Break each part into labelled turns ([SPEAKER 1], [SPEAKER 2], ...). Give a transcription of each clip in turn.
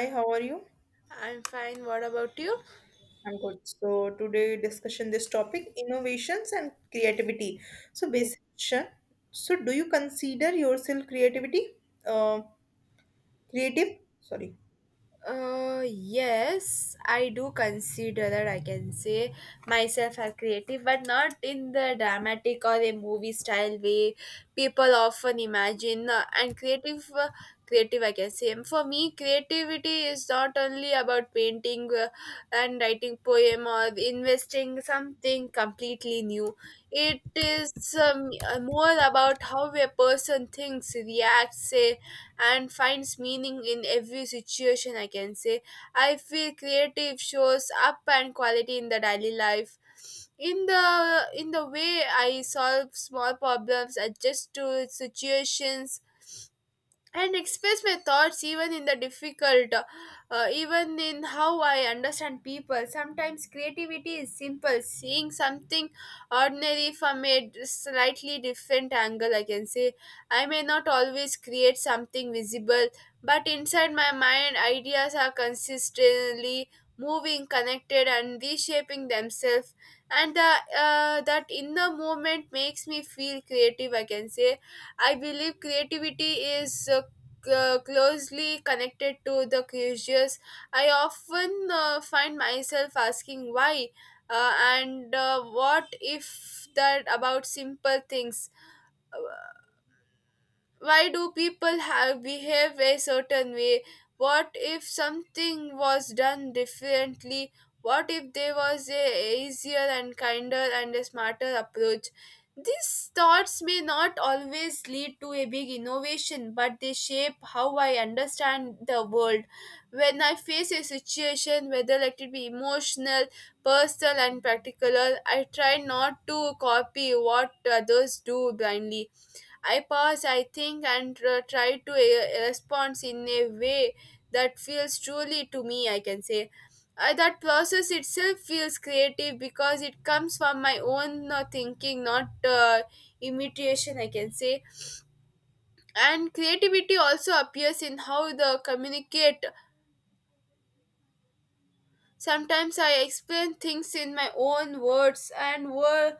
[SPEAKER 1] Hi, how are you?
[SPEAKER 2] I'm fine. What about you?
[SPEAKER 1] I'm good. So today discussion this topic innovations and creativity. So
[SPEAKER 2] Yes.
[SPEAKER 1] basic question. So do you consider yourself creativity? Uh, Creative? Sorry.
[SPEAKER 2] Yes, I do consider that I can say myself as creative, but not in the dramatic or a movie style way people often imagine. And creative, I can say. For me, creativity is not only about painting and writing poem or investing something completely new. It is more about how a person thinks, reacts, say and finds meaning in every situation, I can say. I feel creative shows up and quality in the daily life in the way I solve small problems, adjust to situations, and express my thoughts even in the difficult, even in how I understand people. Sometimes creativity is simple, seeing something ordinary from a slightly different angle, I can say. I may not always create something visible, but inside my mind ideas are consistently moving, connected and reshaping themselves, and that inner movement makes me feel creative, I can say. I believe creativity is closely connected to the curious. I often find myself asking why and what if, that about simple things. Uh, why do people have behave a certain way, what if something was done differently, what if there was a easier and kinder and a smarter approach? These thoughts may not always lead to a big innovation, but they shape how I understand the world. When I face a situation, whether let it be emotional, personal and practical, I try not to copy what others do blindly. I pause, I think, and try to respond in a way that feels truly to me, I can say. That process itself feels creative because it comes from my own thinking, not imitation, I can say. And creativity also appears in how the communicate. Sometimes I explain things in my own words and word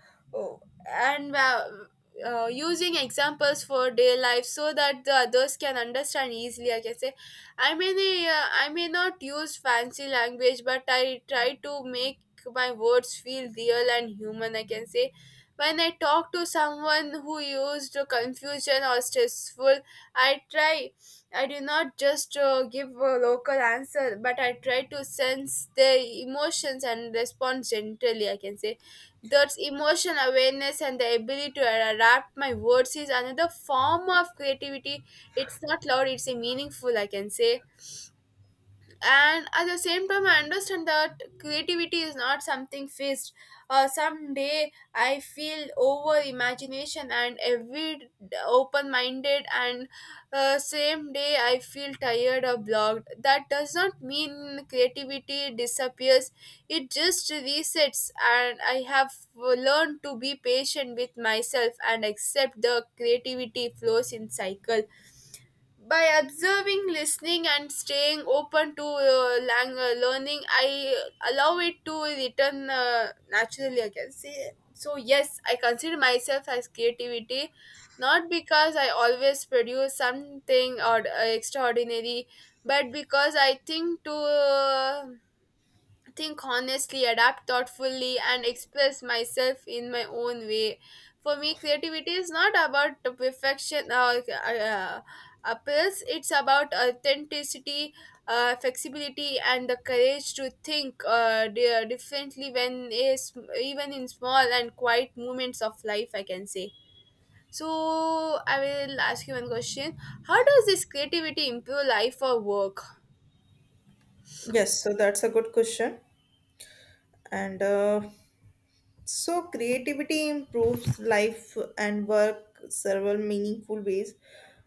[SPEAKER 2] and using examples for day life so that the others can understand easily, I can say. I may not use fancy language, but I try to make my words feel real and human, I can say. When I talk to someone who used confusion or stressful, I try I did not just give a local answer, but I tried to sense their emotions and respond gently, I can say. That emotional awareness and the ability to adapt my words is another form of creativity. It's not loud; it's a meaningful, I can say. And at the same time I understand that creativity is not something fixed. Someday I feel over imagination and every open-minded, and same day I feel tired or blocked, that does not mean creativity disappears. It just resets and I have learned to be patient with myself and accept the creativity flows in cycle by observing, listening and staying open to learning. I allow it to return naturally, I can say. So yes, I consider myself as creativity, not because I always produce something or extraordinary, but because I think to think honestly, adapt thoughtfully, and express myself in my own way. For me, creativity is not about the perfection or appeals, it's about authenticity, flexibility, and the courage to think differently when is, even in small and quiet moments of life, I can say. So, I will ask you one question. How does this creativity improve life or work?
[SPEAKER 1] Yes. So that's a good question. And So creativity improves life and work several meaningful ways,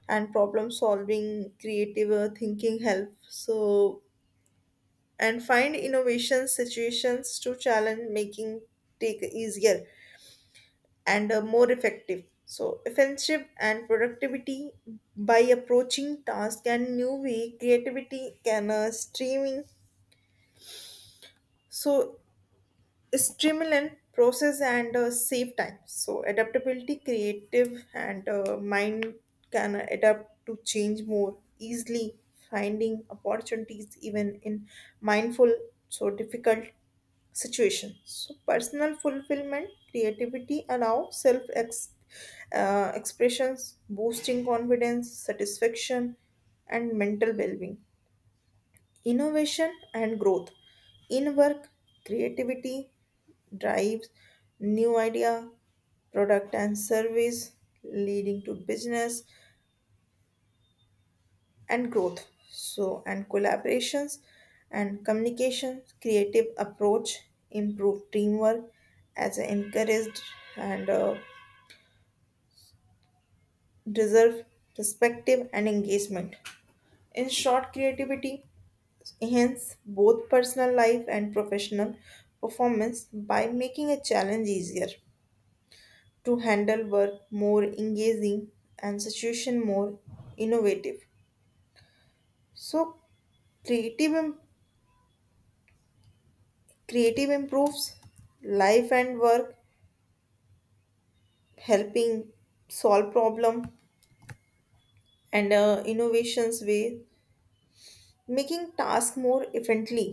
[SPEAKER 1] and problem solving, creative thinking help. So and find innovation situations to challenge making take easier and more effective. So, offensive and productivity by approaching task and new way, creativity can streaming. So, streamline process and save time so adaptability creative and mind can adapt to change more easily finding opportunities even in mindful so difficult situation so personal fulfillment creativity allow self expressions boosting confidence satisfaction and mental well-being innovation and growth in work creativity drives new idea, product and service, leading to business and growth. So and collaborations and communication, creative approach, improve teamwork, as encouraged and deserve perspective and engagement. In short, creativity enhance both personal life and professional performance by making a challenge easier to handle work more engaging and situation more innovative. So creative im- creative improves life and work, helping solve problem and innovations way, making task more efficiently,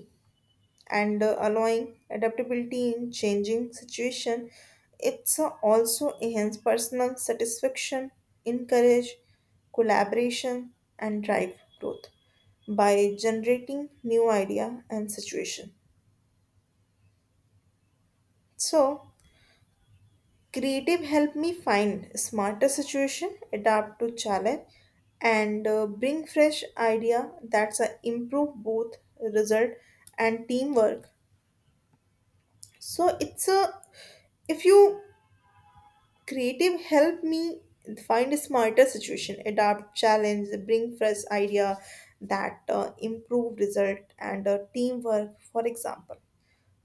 [SPEAKER 1] and allowing adaptability in changing situation. It's also enhance personal satisfaction, encourage collaboration and drive growth by generating new idea and situation. So creative help me find smarter situation adapt to challenge and bring fresh idea that's a improve both result and teamwork. So it's a if you creative help me find a smarter situation, adapt, challenge, bring fresh idea that improve result and teamwork, for example.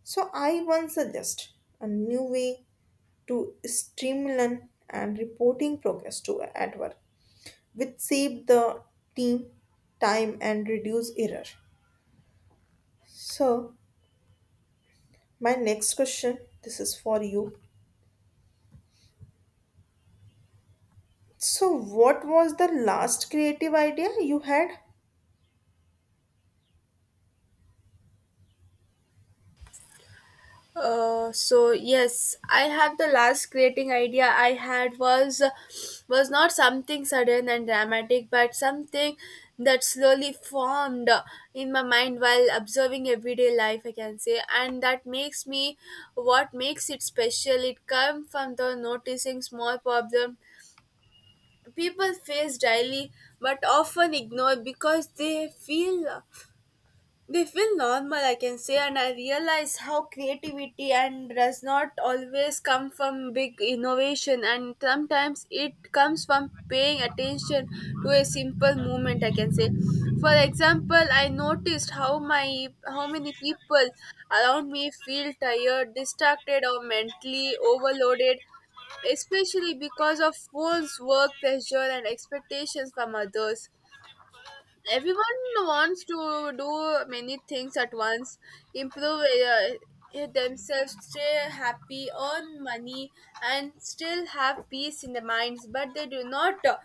[SPEAKER 1] So I once suggest a new way to streamline and reporting progress to at work, which save the team time and reduce error. So my next question, this is for you. So what was the last creative idea you had?
[SPEAKER 2] So yes, I have, the last creating idea I had was not something sudden and dramatic, but something that slowly formed in my mind while observing everyday life, I can say, and that makes me, what makes it special. It comes from the noticing small problem people face daily, but often ignore because they feel normal, I can say. And I realize how creativity and does not always come from big innovation, and sometimes it comes from paying attention to a simple movement, I can say. For example, I noticed how my, how many people around me feel tired, distracted or mentally overloaded, especially because of phones, work pressure and expectations from others. Everyone wants to do many things at once, improve themselves, stay happy, earn money and still have peace in their minds, but they do not uh,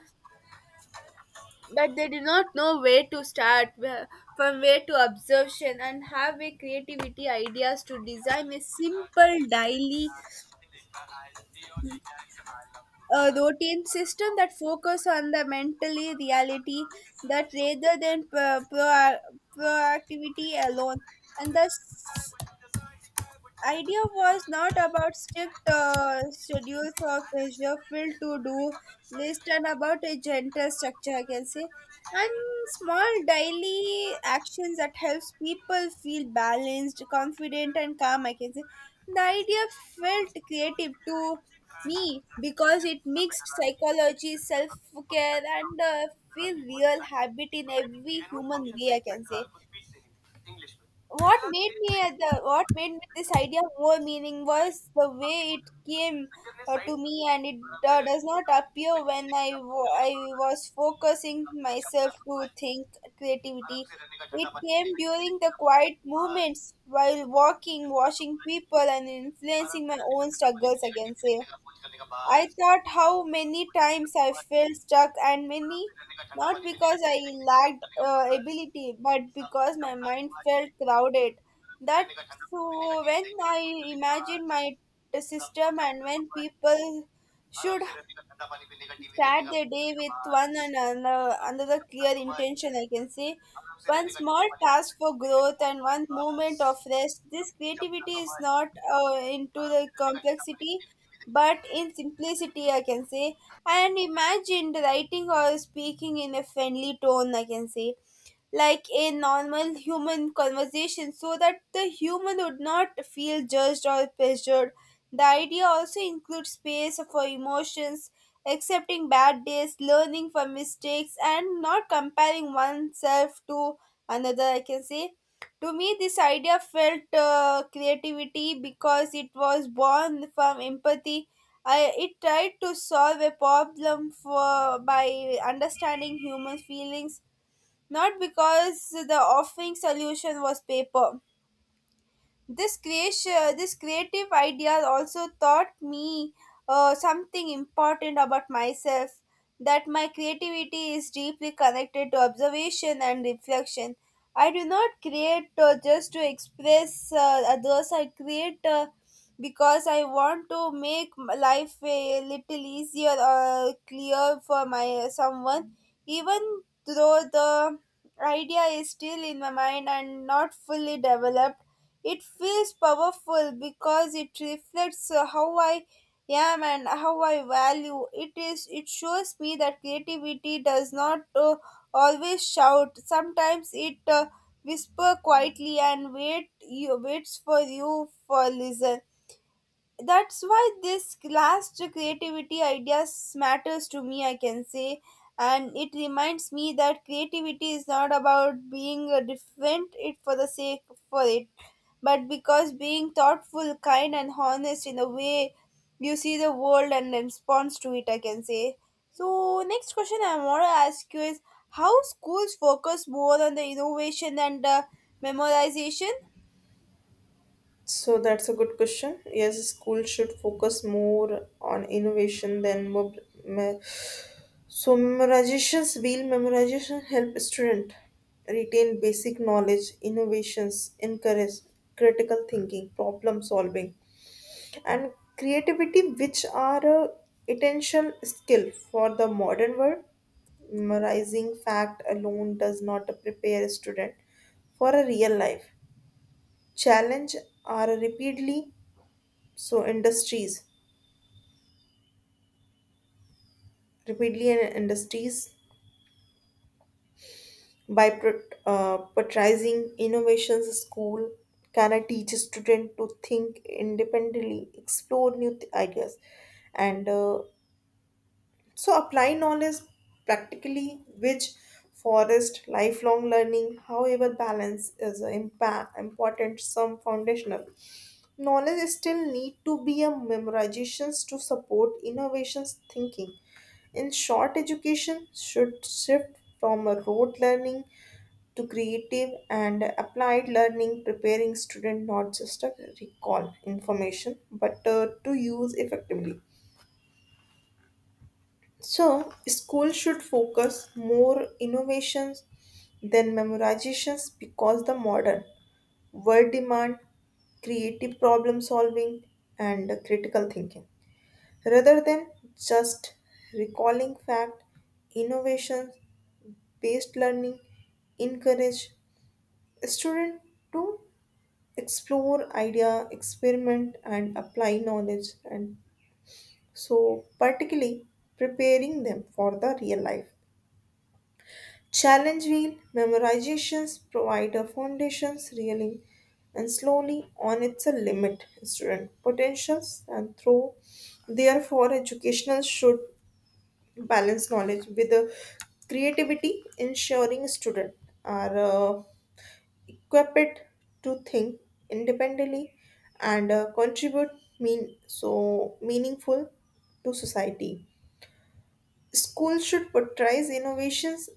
[SPEAKER 2] but they do not know where to start, from where to observation and have a creativity ideas to design a simple daily, a routine system that focus on the mentally reality that, rather than proactivity alone. And the idea was not about strict schedules or pressure filled to do list, and about a gentle structure, I can say, and small daily actions that helps people feel balanced, confident and calm, I can say. The idea felt creative to me because it mixed psychology, self-care and feel real habit in every human way, I can say. What made me this idea more meaning was the way it came to me, and it does not appear when I was focusing myself to think creativity. It came during the quiet moments while walking, watching people and influencing my own struggles, I can say. I thought how many times I felt stuck, and many, not because I lacked ability, but because my mind felt crowded. That, so when I imagined my system and when people should start their day with one and another clear intention, I can say, one small task for growth and one moment of rest. This creativity is not into the complexity but in simplicity, I can say. And imagined writing or speaking in a friendly tone, I can say, like a normal human conversation, so that the human would not feel judged or pressured. The idea also includes space for emotions, accepting bad days, learning from mistakes, and not comparing oneself to another, I can say. To me, this idea felt creativity because it was born from empathy. I, it tried to solve a problem for by understanding human feelings, not because the offering solution was paper. This creation, this creative idea also taught me something important about myself, that my creativity is deeply connected to observation and reflection. I do not create just to express others, I create because I want to make life a little easier or clear for my someone, even though the idea is still in my mind and not fully developed, it feels powerful because it reflects how I am and how I value. It is. It shows me that creativity does not always shout. Sometimes it whisper quietly and wait. You waits for you for listen. That's why this last creativity ideas matters to me, I can say. And it reminds me that creativity is not about being different it for the sake for it, but because being thoughtful, kind and honest in the way you see the world and responds to it, I can say. So, next question I want to ask you is, how schools focus more on the innovation and memorization?
[SPEAKER 1] So that's a good question. Yes, school should focus more on innovation than me- so memorizations. Real memorization help student retain basic knowledge. Innovations encourage critical thinking, problem solving, and creativity, which are a essential skill for the modern world. Memorizing fact alone does not prepare a student for a real life challenge are repeatedly so industries repeatedly and industries by patronizing innovations school can teach a student to think independently explore new ideas and so apply knowledge practically, which forest lifelong learning. However balance is important, some foundational knowledge still need to be a memorizations to support innovations thinking. In short, education should shift from a rote learning to creative and applied learning, preparing student not just to recall information but to use effectively. So, school should focus more innovations than memorizations because the modern world demand creative problem solving and critical thinking rather than just recalling fact. Innovation based learning encourage student to explore idea experiment and apply knowledge, and so particularly preparing them for the real life challenge wheel memorizations provide a foundation's really and slowly on its a limit student potentials, and through therefore educational should balance knowledge with the creativity ensuring student are equipped to think independently and contribute mean so meaningful to society. Schools should portray innovations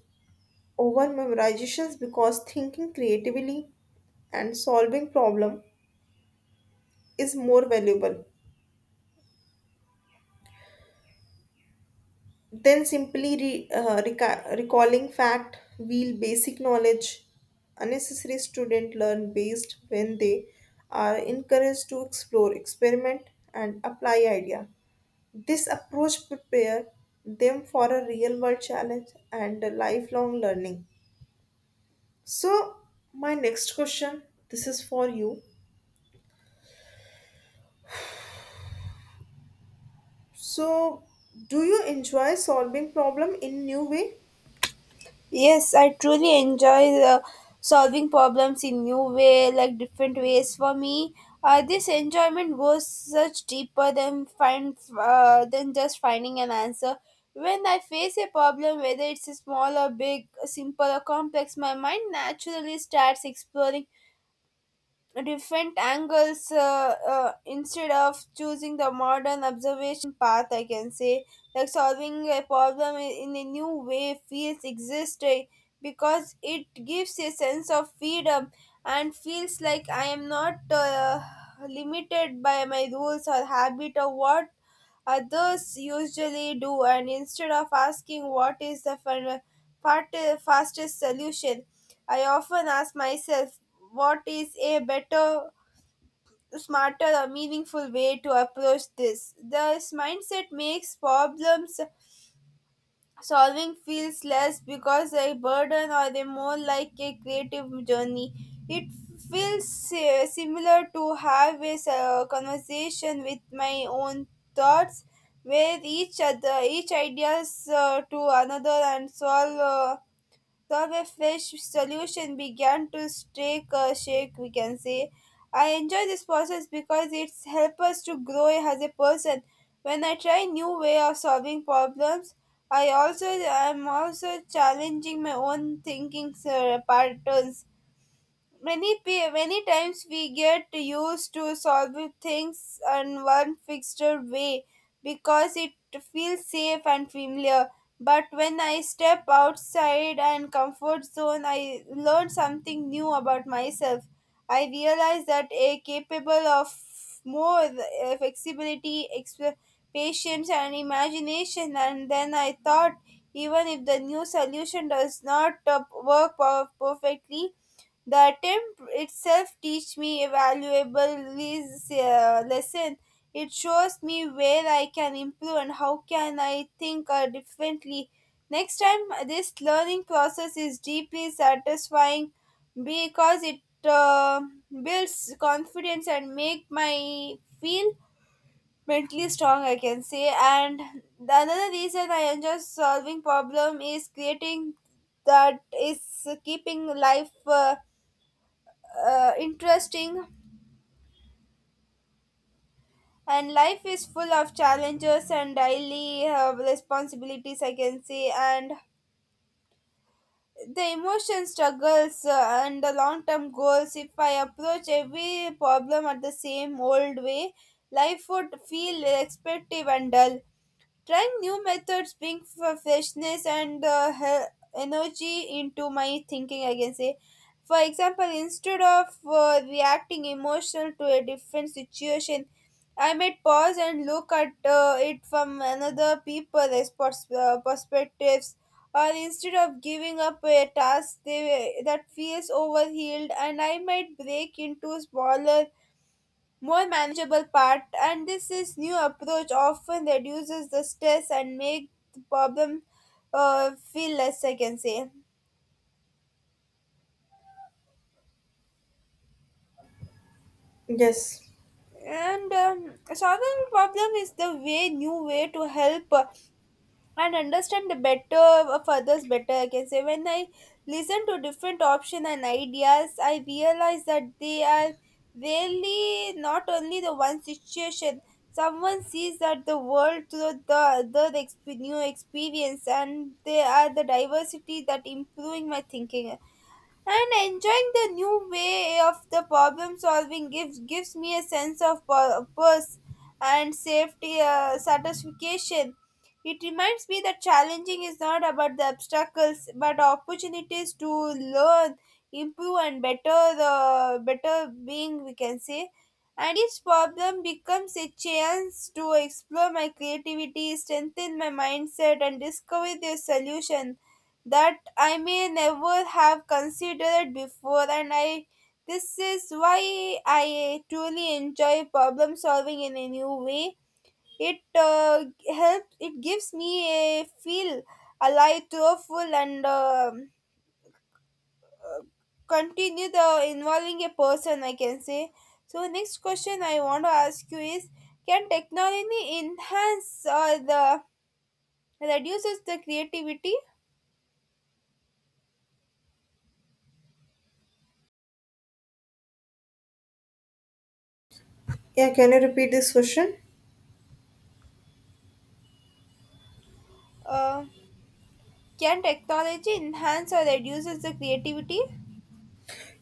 [SPEAKER 1] over memorizations because thinking creatively and solving problem is more valuable than simply recalling fact wheel basic knowledge unnecessary student learn based when they are encouraged to explore experiment and apply idea. This approach prepare them for a real world challenge and a lifelong learning. So my next question, this is for you. So, do you enjoy solving problem in new way?
[SPEAKER 2] Yes, I truly enjoy solving problems in new way, like different ways. For me, this enjoyment goes such deeper than find than just finding an answer. When I face a problem, whether it's small or big, simple or complex, my mind naturally starts exploring different angles. Instead of choosing the modern observation path, I can say, like solving a problem in a new way feels existing because it gives a sense of freedom and feels like I am not limited by my rules or habit or what others usually do. And instead of asking what is the fastest solution, I often ask myself what is a better, smarter, or meaningful way to approach this. This mindset makes problems solving feels less because a burden or a more like a creative journey. It feels similar to have a conversation with my own thoughts where each other, each ideas to another and solve. The fish solution began to take a shake, we can say. I enjoy this process because it's helps us to grow as a person. When I try new way of solving problems, I also, I'm also challenging my own thinking patterns. Many times we get used to solving things in one fixed way because it feels safe and familiar, but when I step outside and comfort zone, I learn something new about myself. I realize that a capable of more flexibility, patience and imagination. And then I thought, even if the new solution does not work perfectly, the attempt itself teach me a valuable lesson. It shows me where I can improve and how can I think differently. Next time, this learning process is deeply satisfying because it builds confidence and make my feel mentally strong, I can say. And the another reason I enjoy solving problem is creating that is keeping life interesting. And life is full of challenges and daily responsibilities, I can say, and the emotion struggles and the long term goals. If I approach every problem at the same old way, life would feel expectative and dull. Trying new methods bring freshness and energy into my thinking, I can say. For example, instead of reacting emotional to a different situation, I might pause and look at it from another people's perspectives. Or instead of giving up a task they, that feels overhealed, and I might break into smaller, more manageable part, and this is new approach often reduces the stress and make the problem feel less, I can say.
[SPEAKER 1] Yes.
[SPEAKER 2] And solving problem is the way new way to help and understand the better of others better, I can say. When I listen to different options and ideas, I realize that they are really not only the one situation. Someone sees that the world through the other new experience, and they are the diversity that improving my thinking. And enjoying the new way of the problem solving gives me a sense of purpose and safety satisfaction. It reminds me that challenging is not about the obstacles but opportunities to learn, improve and better the better being, we can say. And each problem becomes a chance to explore my creativity, strengthen my mindset and discover the solution that I may never have considered before. And I, this is why I truly enjoy problem solving in a new way. It helps, it gives me a feel alive, thoughtful and continue the involving a person, I can say. So next question I want to ask you is, can technology enhance or the reduces the creativity?
[SPEAKER 1] Yeah, can you repeat this question?
[SPEAKER 2] Uh, Can technology enhance or reduces the creativity?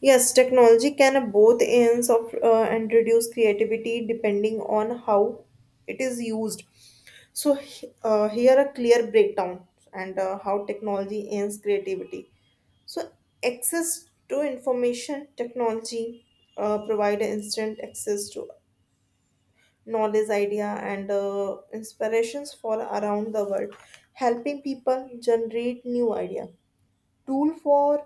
[SPEAKER 1] Yes, technology can have both ends of and reduce creativity depending on how it is used. So, here a clear breakdown and how technology ends creativity. So, access to information technology provide instant access to knowledge, idea, and inspirations for around the world, helping people generate new idea, tool for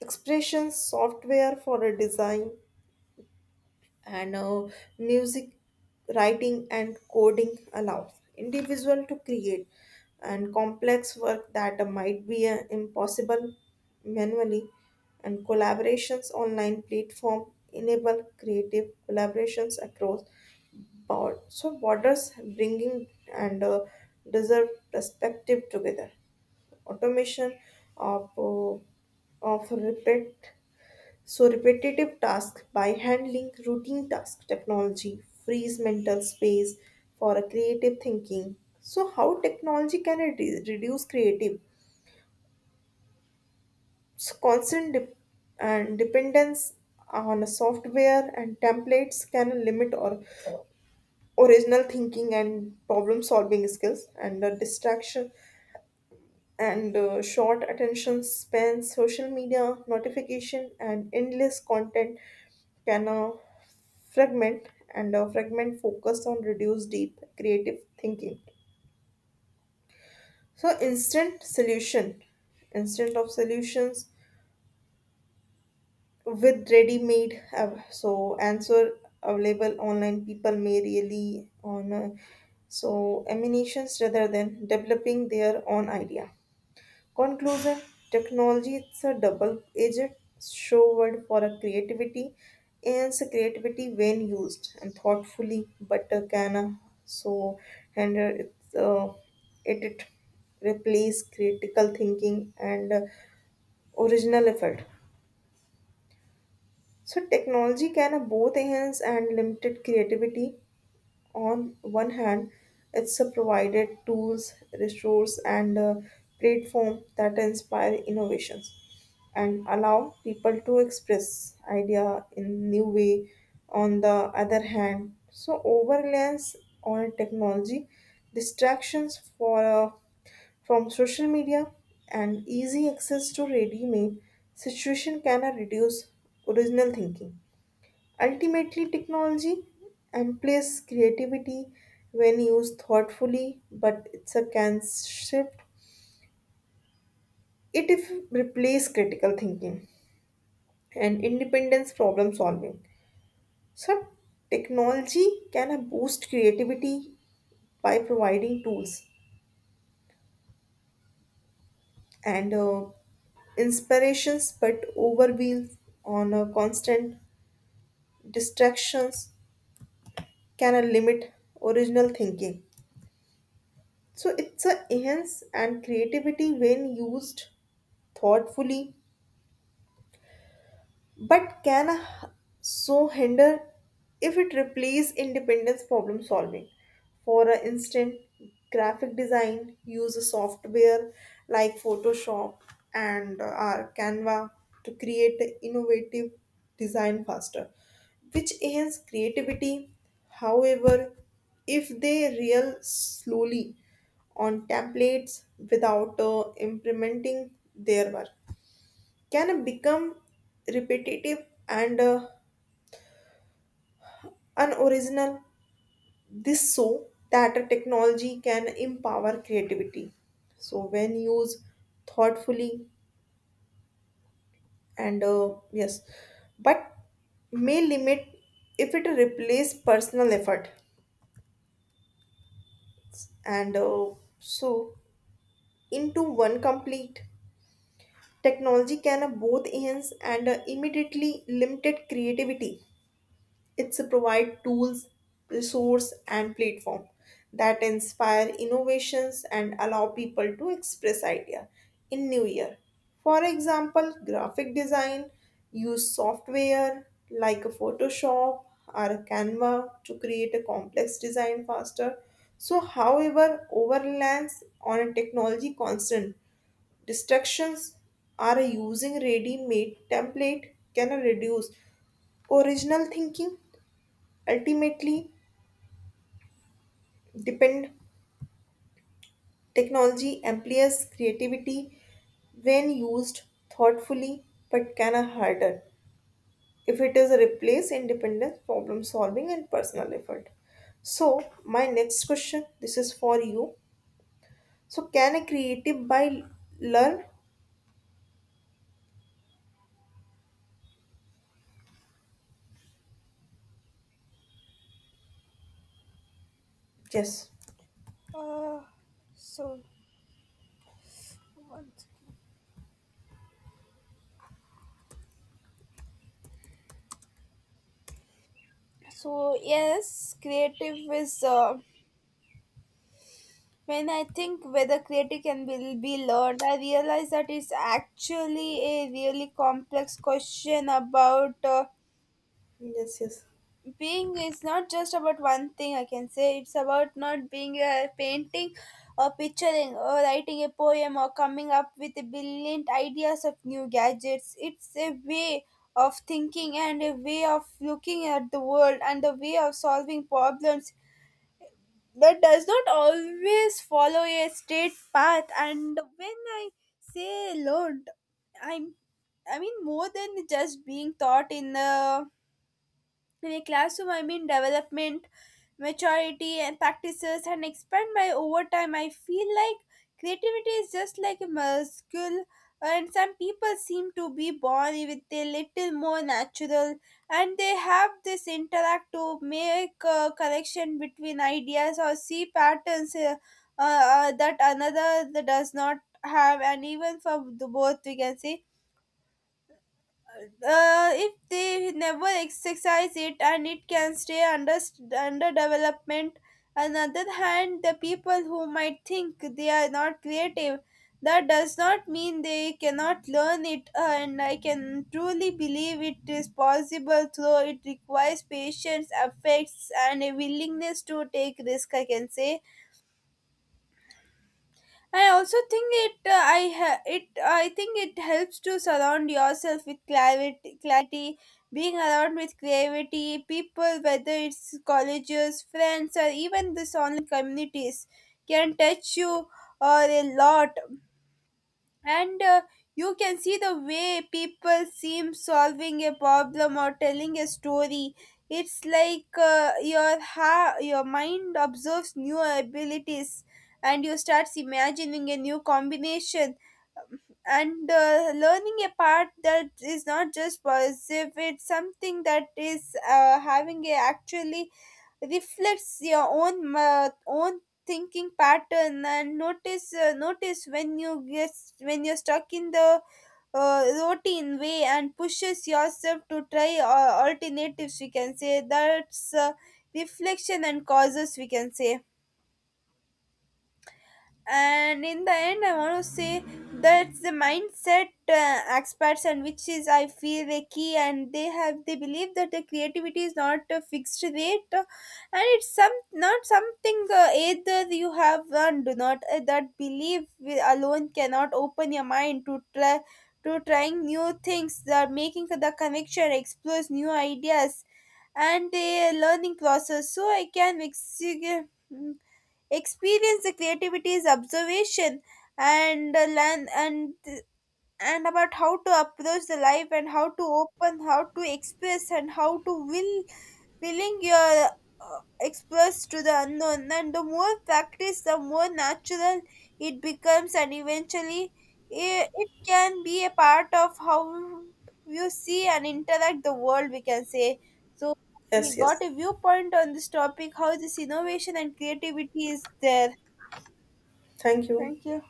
[SPEAKER 1] expressions, software for a design, and music writing and coding allows individual to create and complex work that might be impossible manually, and collaborations online platform enable creative collaborations across board so borders bringing and deserve perspective together. Automation of uh, of repeat so repetitive tasks by handling routine task technology frees mental space for a creative thinking. So, how technology can reduce creative? So, constant dependence on a software and templates can limit or original thinking and problem solving skills, and the distraction and short attention span, social media notification, and endless content can fragment uh, fragment focus on reduce deep creative thinking. So instant of solutions with ready-made so answer available online, people may really on so emanations rather than developing their own idea. Conclusion, technology it's a double-edged sword for a creativity and so creativity when used and thoughtfully, but can so hinder its it, it replace critical thinking and original effort. So technology can both enhance and limited creativity. On one hand, it's provided tools, resources, and a platform that inspire innovations and allow people to express idea in new way. On the other hand, so overreliance on technology, distractions for from social media, and easy access to ready-made situation can reduce original thinking. Ultimately, technology amplifies creativity when used thoughtfully, but it's a can shift. It if replace critical thinking and independence problem solving. So, technology can boost creativity by providing tools and inspirations, but overwhelmed on a constant distractions can limit original thinking. So it's a enhance and creativity when used thoughtfully but can so hinder if it replaces independence problem solving. For an instant, graphic design use a software like Photoshop and our Canva to create innovative design faster, which enhance creativity. However, if they rely slowly on templates without implementing their work, can become repetitive and unoriginal. This so that a technology can empower creativity. So when used thoughtfully and yes, but may limit if it replace personal effort and so into one complete technology can both enhance and immediately limited creativity. It's a provide tools, resource, and platform that inspire innovations and allow people to express idea in new year. For example, graphic design use software like a Photoshop or a Canva to create a complex design faster. So, however, over reliance on a technology constant distractions are using ready-made template can reduce original thinking. Ultimately, depend technology amplifies creativity when used thoughtfully but can a harder if it is replaced in dependence, problem solving, and personal effort. So, my next question this is for you. So, can a creative by learn? Yes,
[SPEAKER 2] Uh, so, one second. So yes, creative is. When I think whether creative can be learned, I realize that it's actually a really complex question about.
[SPEAKER 1] yes, yes,
[SPEAKER 2] Being is not just about one thing, I can say. It's about not being a painting or picturing or writing a poem or coming up with brilliant ideas of new gadgets. It's a way of thinking and a way of looking at the world and a way of solving problems that does not always follow a straight path. And when I say learned, i'm I mean more than just being taught in a classroom. I mean development, maturity, and practices, and expand my over time. I feel like creativity is just like a muscle, and some people seem to be born with a little more natural, and they have this interact to make a connection between ideas or see patterns, that another that does not have. And even for the both, we can say, if they never exercise it, and it can stay under development. On the other hand, the people who might think they are not creative, that does not mean they cannot learn it. And I can truly believe it is possible, though it requires patience, affects and a willingness to take risk, I can say. I also think it. I ha- it. I think it helps to surround yourself with clarity. Being around with creativity, people, whether it's colleges, friends, or even this online communities, can touch you or a lot. And you can see the way people seem solving a problem or telling a story. It's like your mind observes new abilities, and you start imagining a new combination. And learning a part that is not just positive, it's something that is having a actually reflects your own thinking pattern, and notice when you get when you're stuck in the routine way and pushes yourself to try alternatives, we can say. That's reflection and causes, we can say. And in the end, I want to say, that's the mindset experts and which is I feel the key, and they believe that the creativity is not a fixed rate, and it's some not something, either you have and do not. That belief alone cannot open your mind to trying new things, that making the connection explores new ideas and the learning process. So I can experience the creativity is observation and learn and about how to approach the life and how to open, how to express, and how to will willing your express to the unknown. And the more practice, the more natural it becomes. And eventually it can be a part of how you see and interact the world, we can say. So we got
[SPEAKER 1] yes.
[SPEAKER 2] a viewpoint on this topic, how this innovation and creativity is there.
[SPEAKER 1] Thank you.
[SPEAKER 2] Thank you.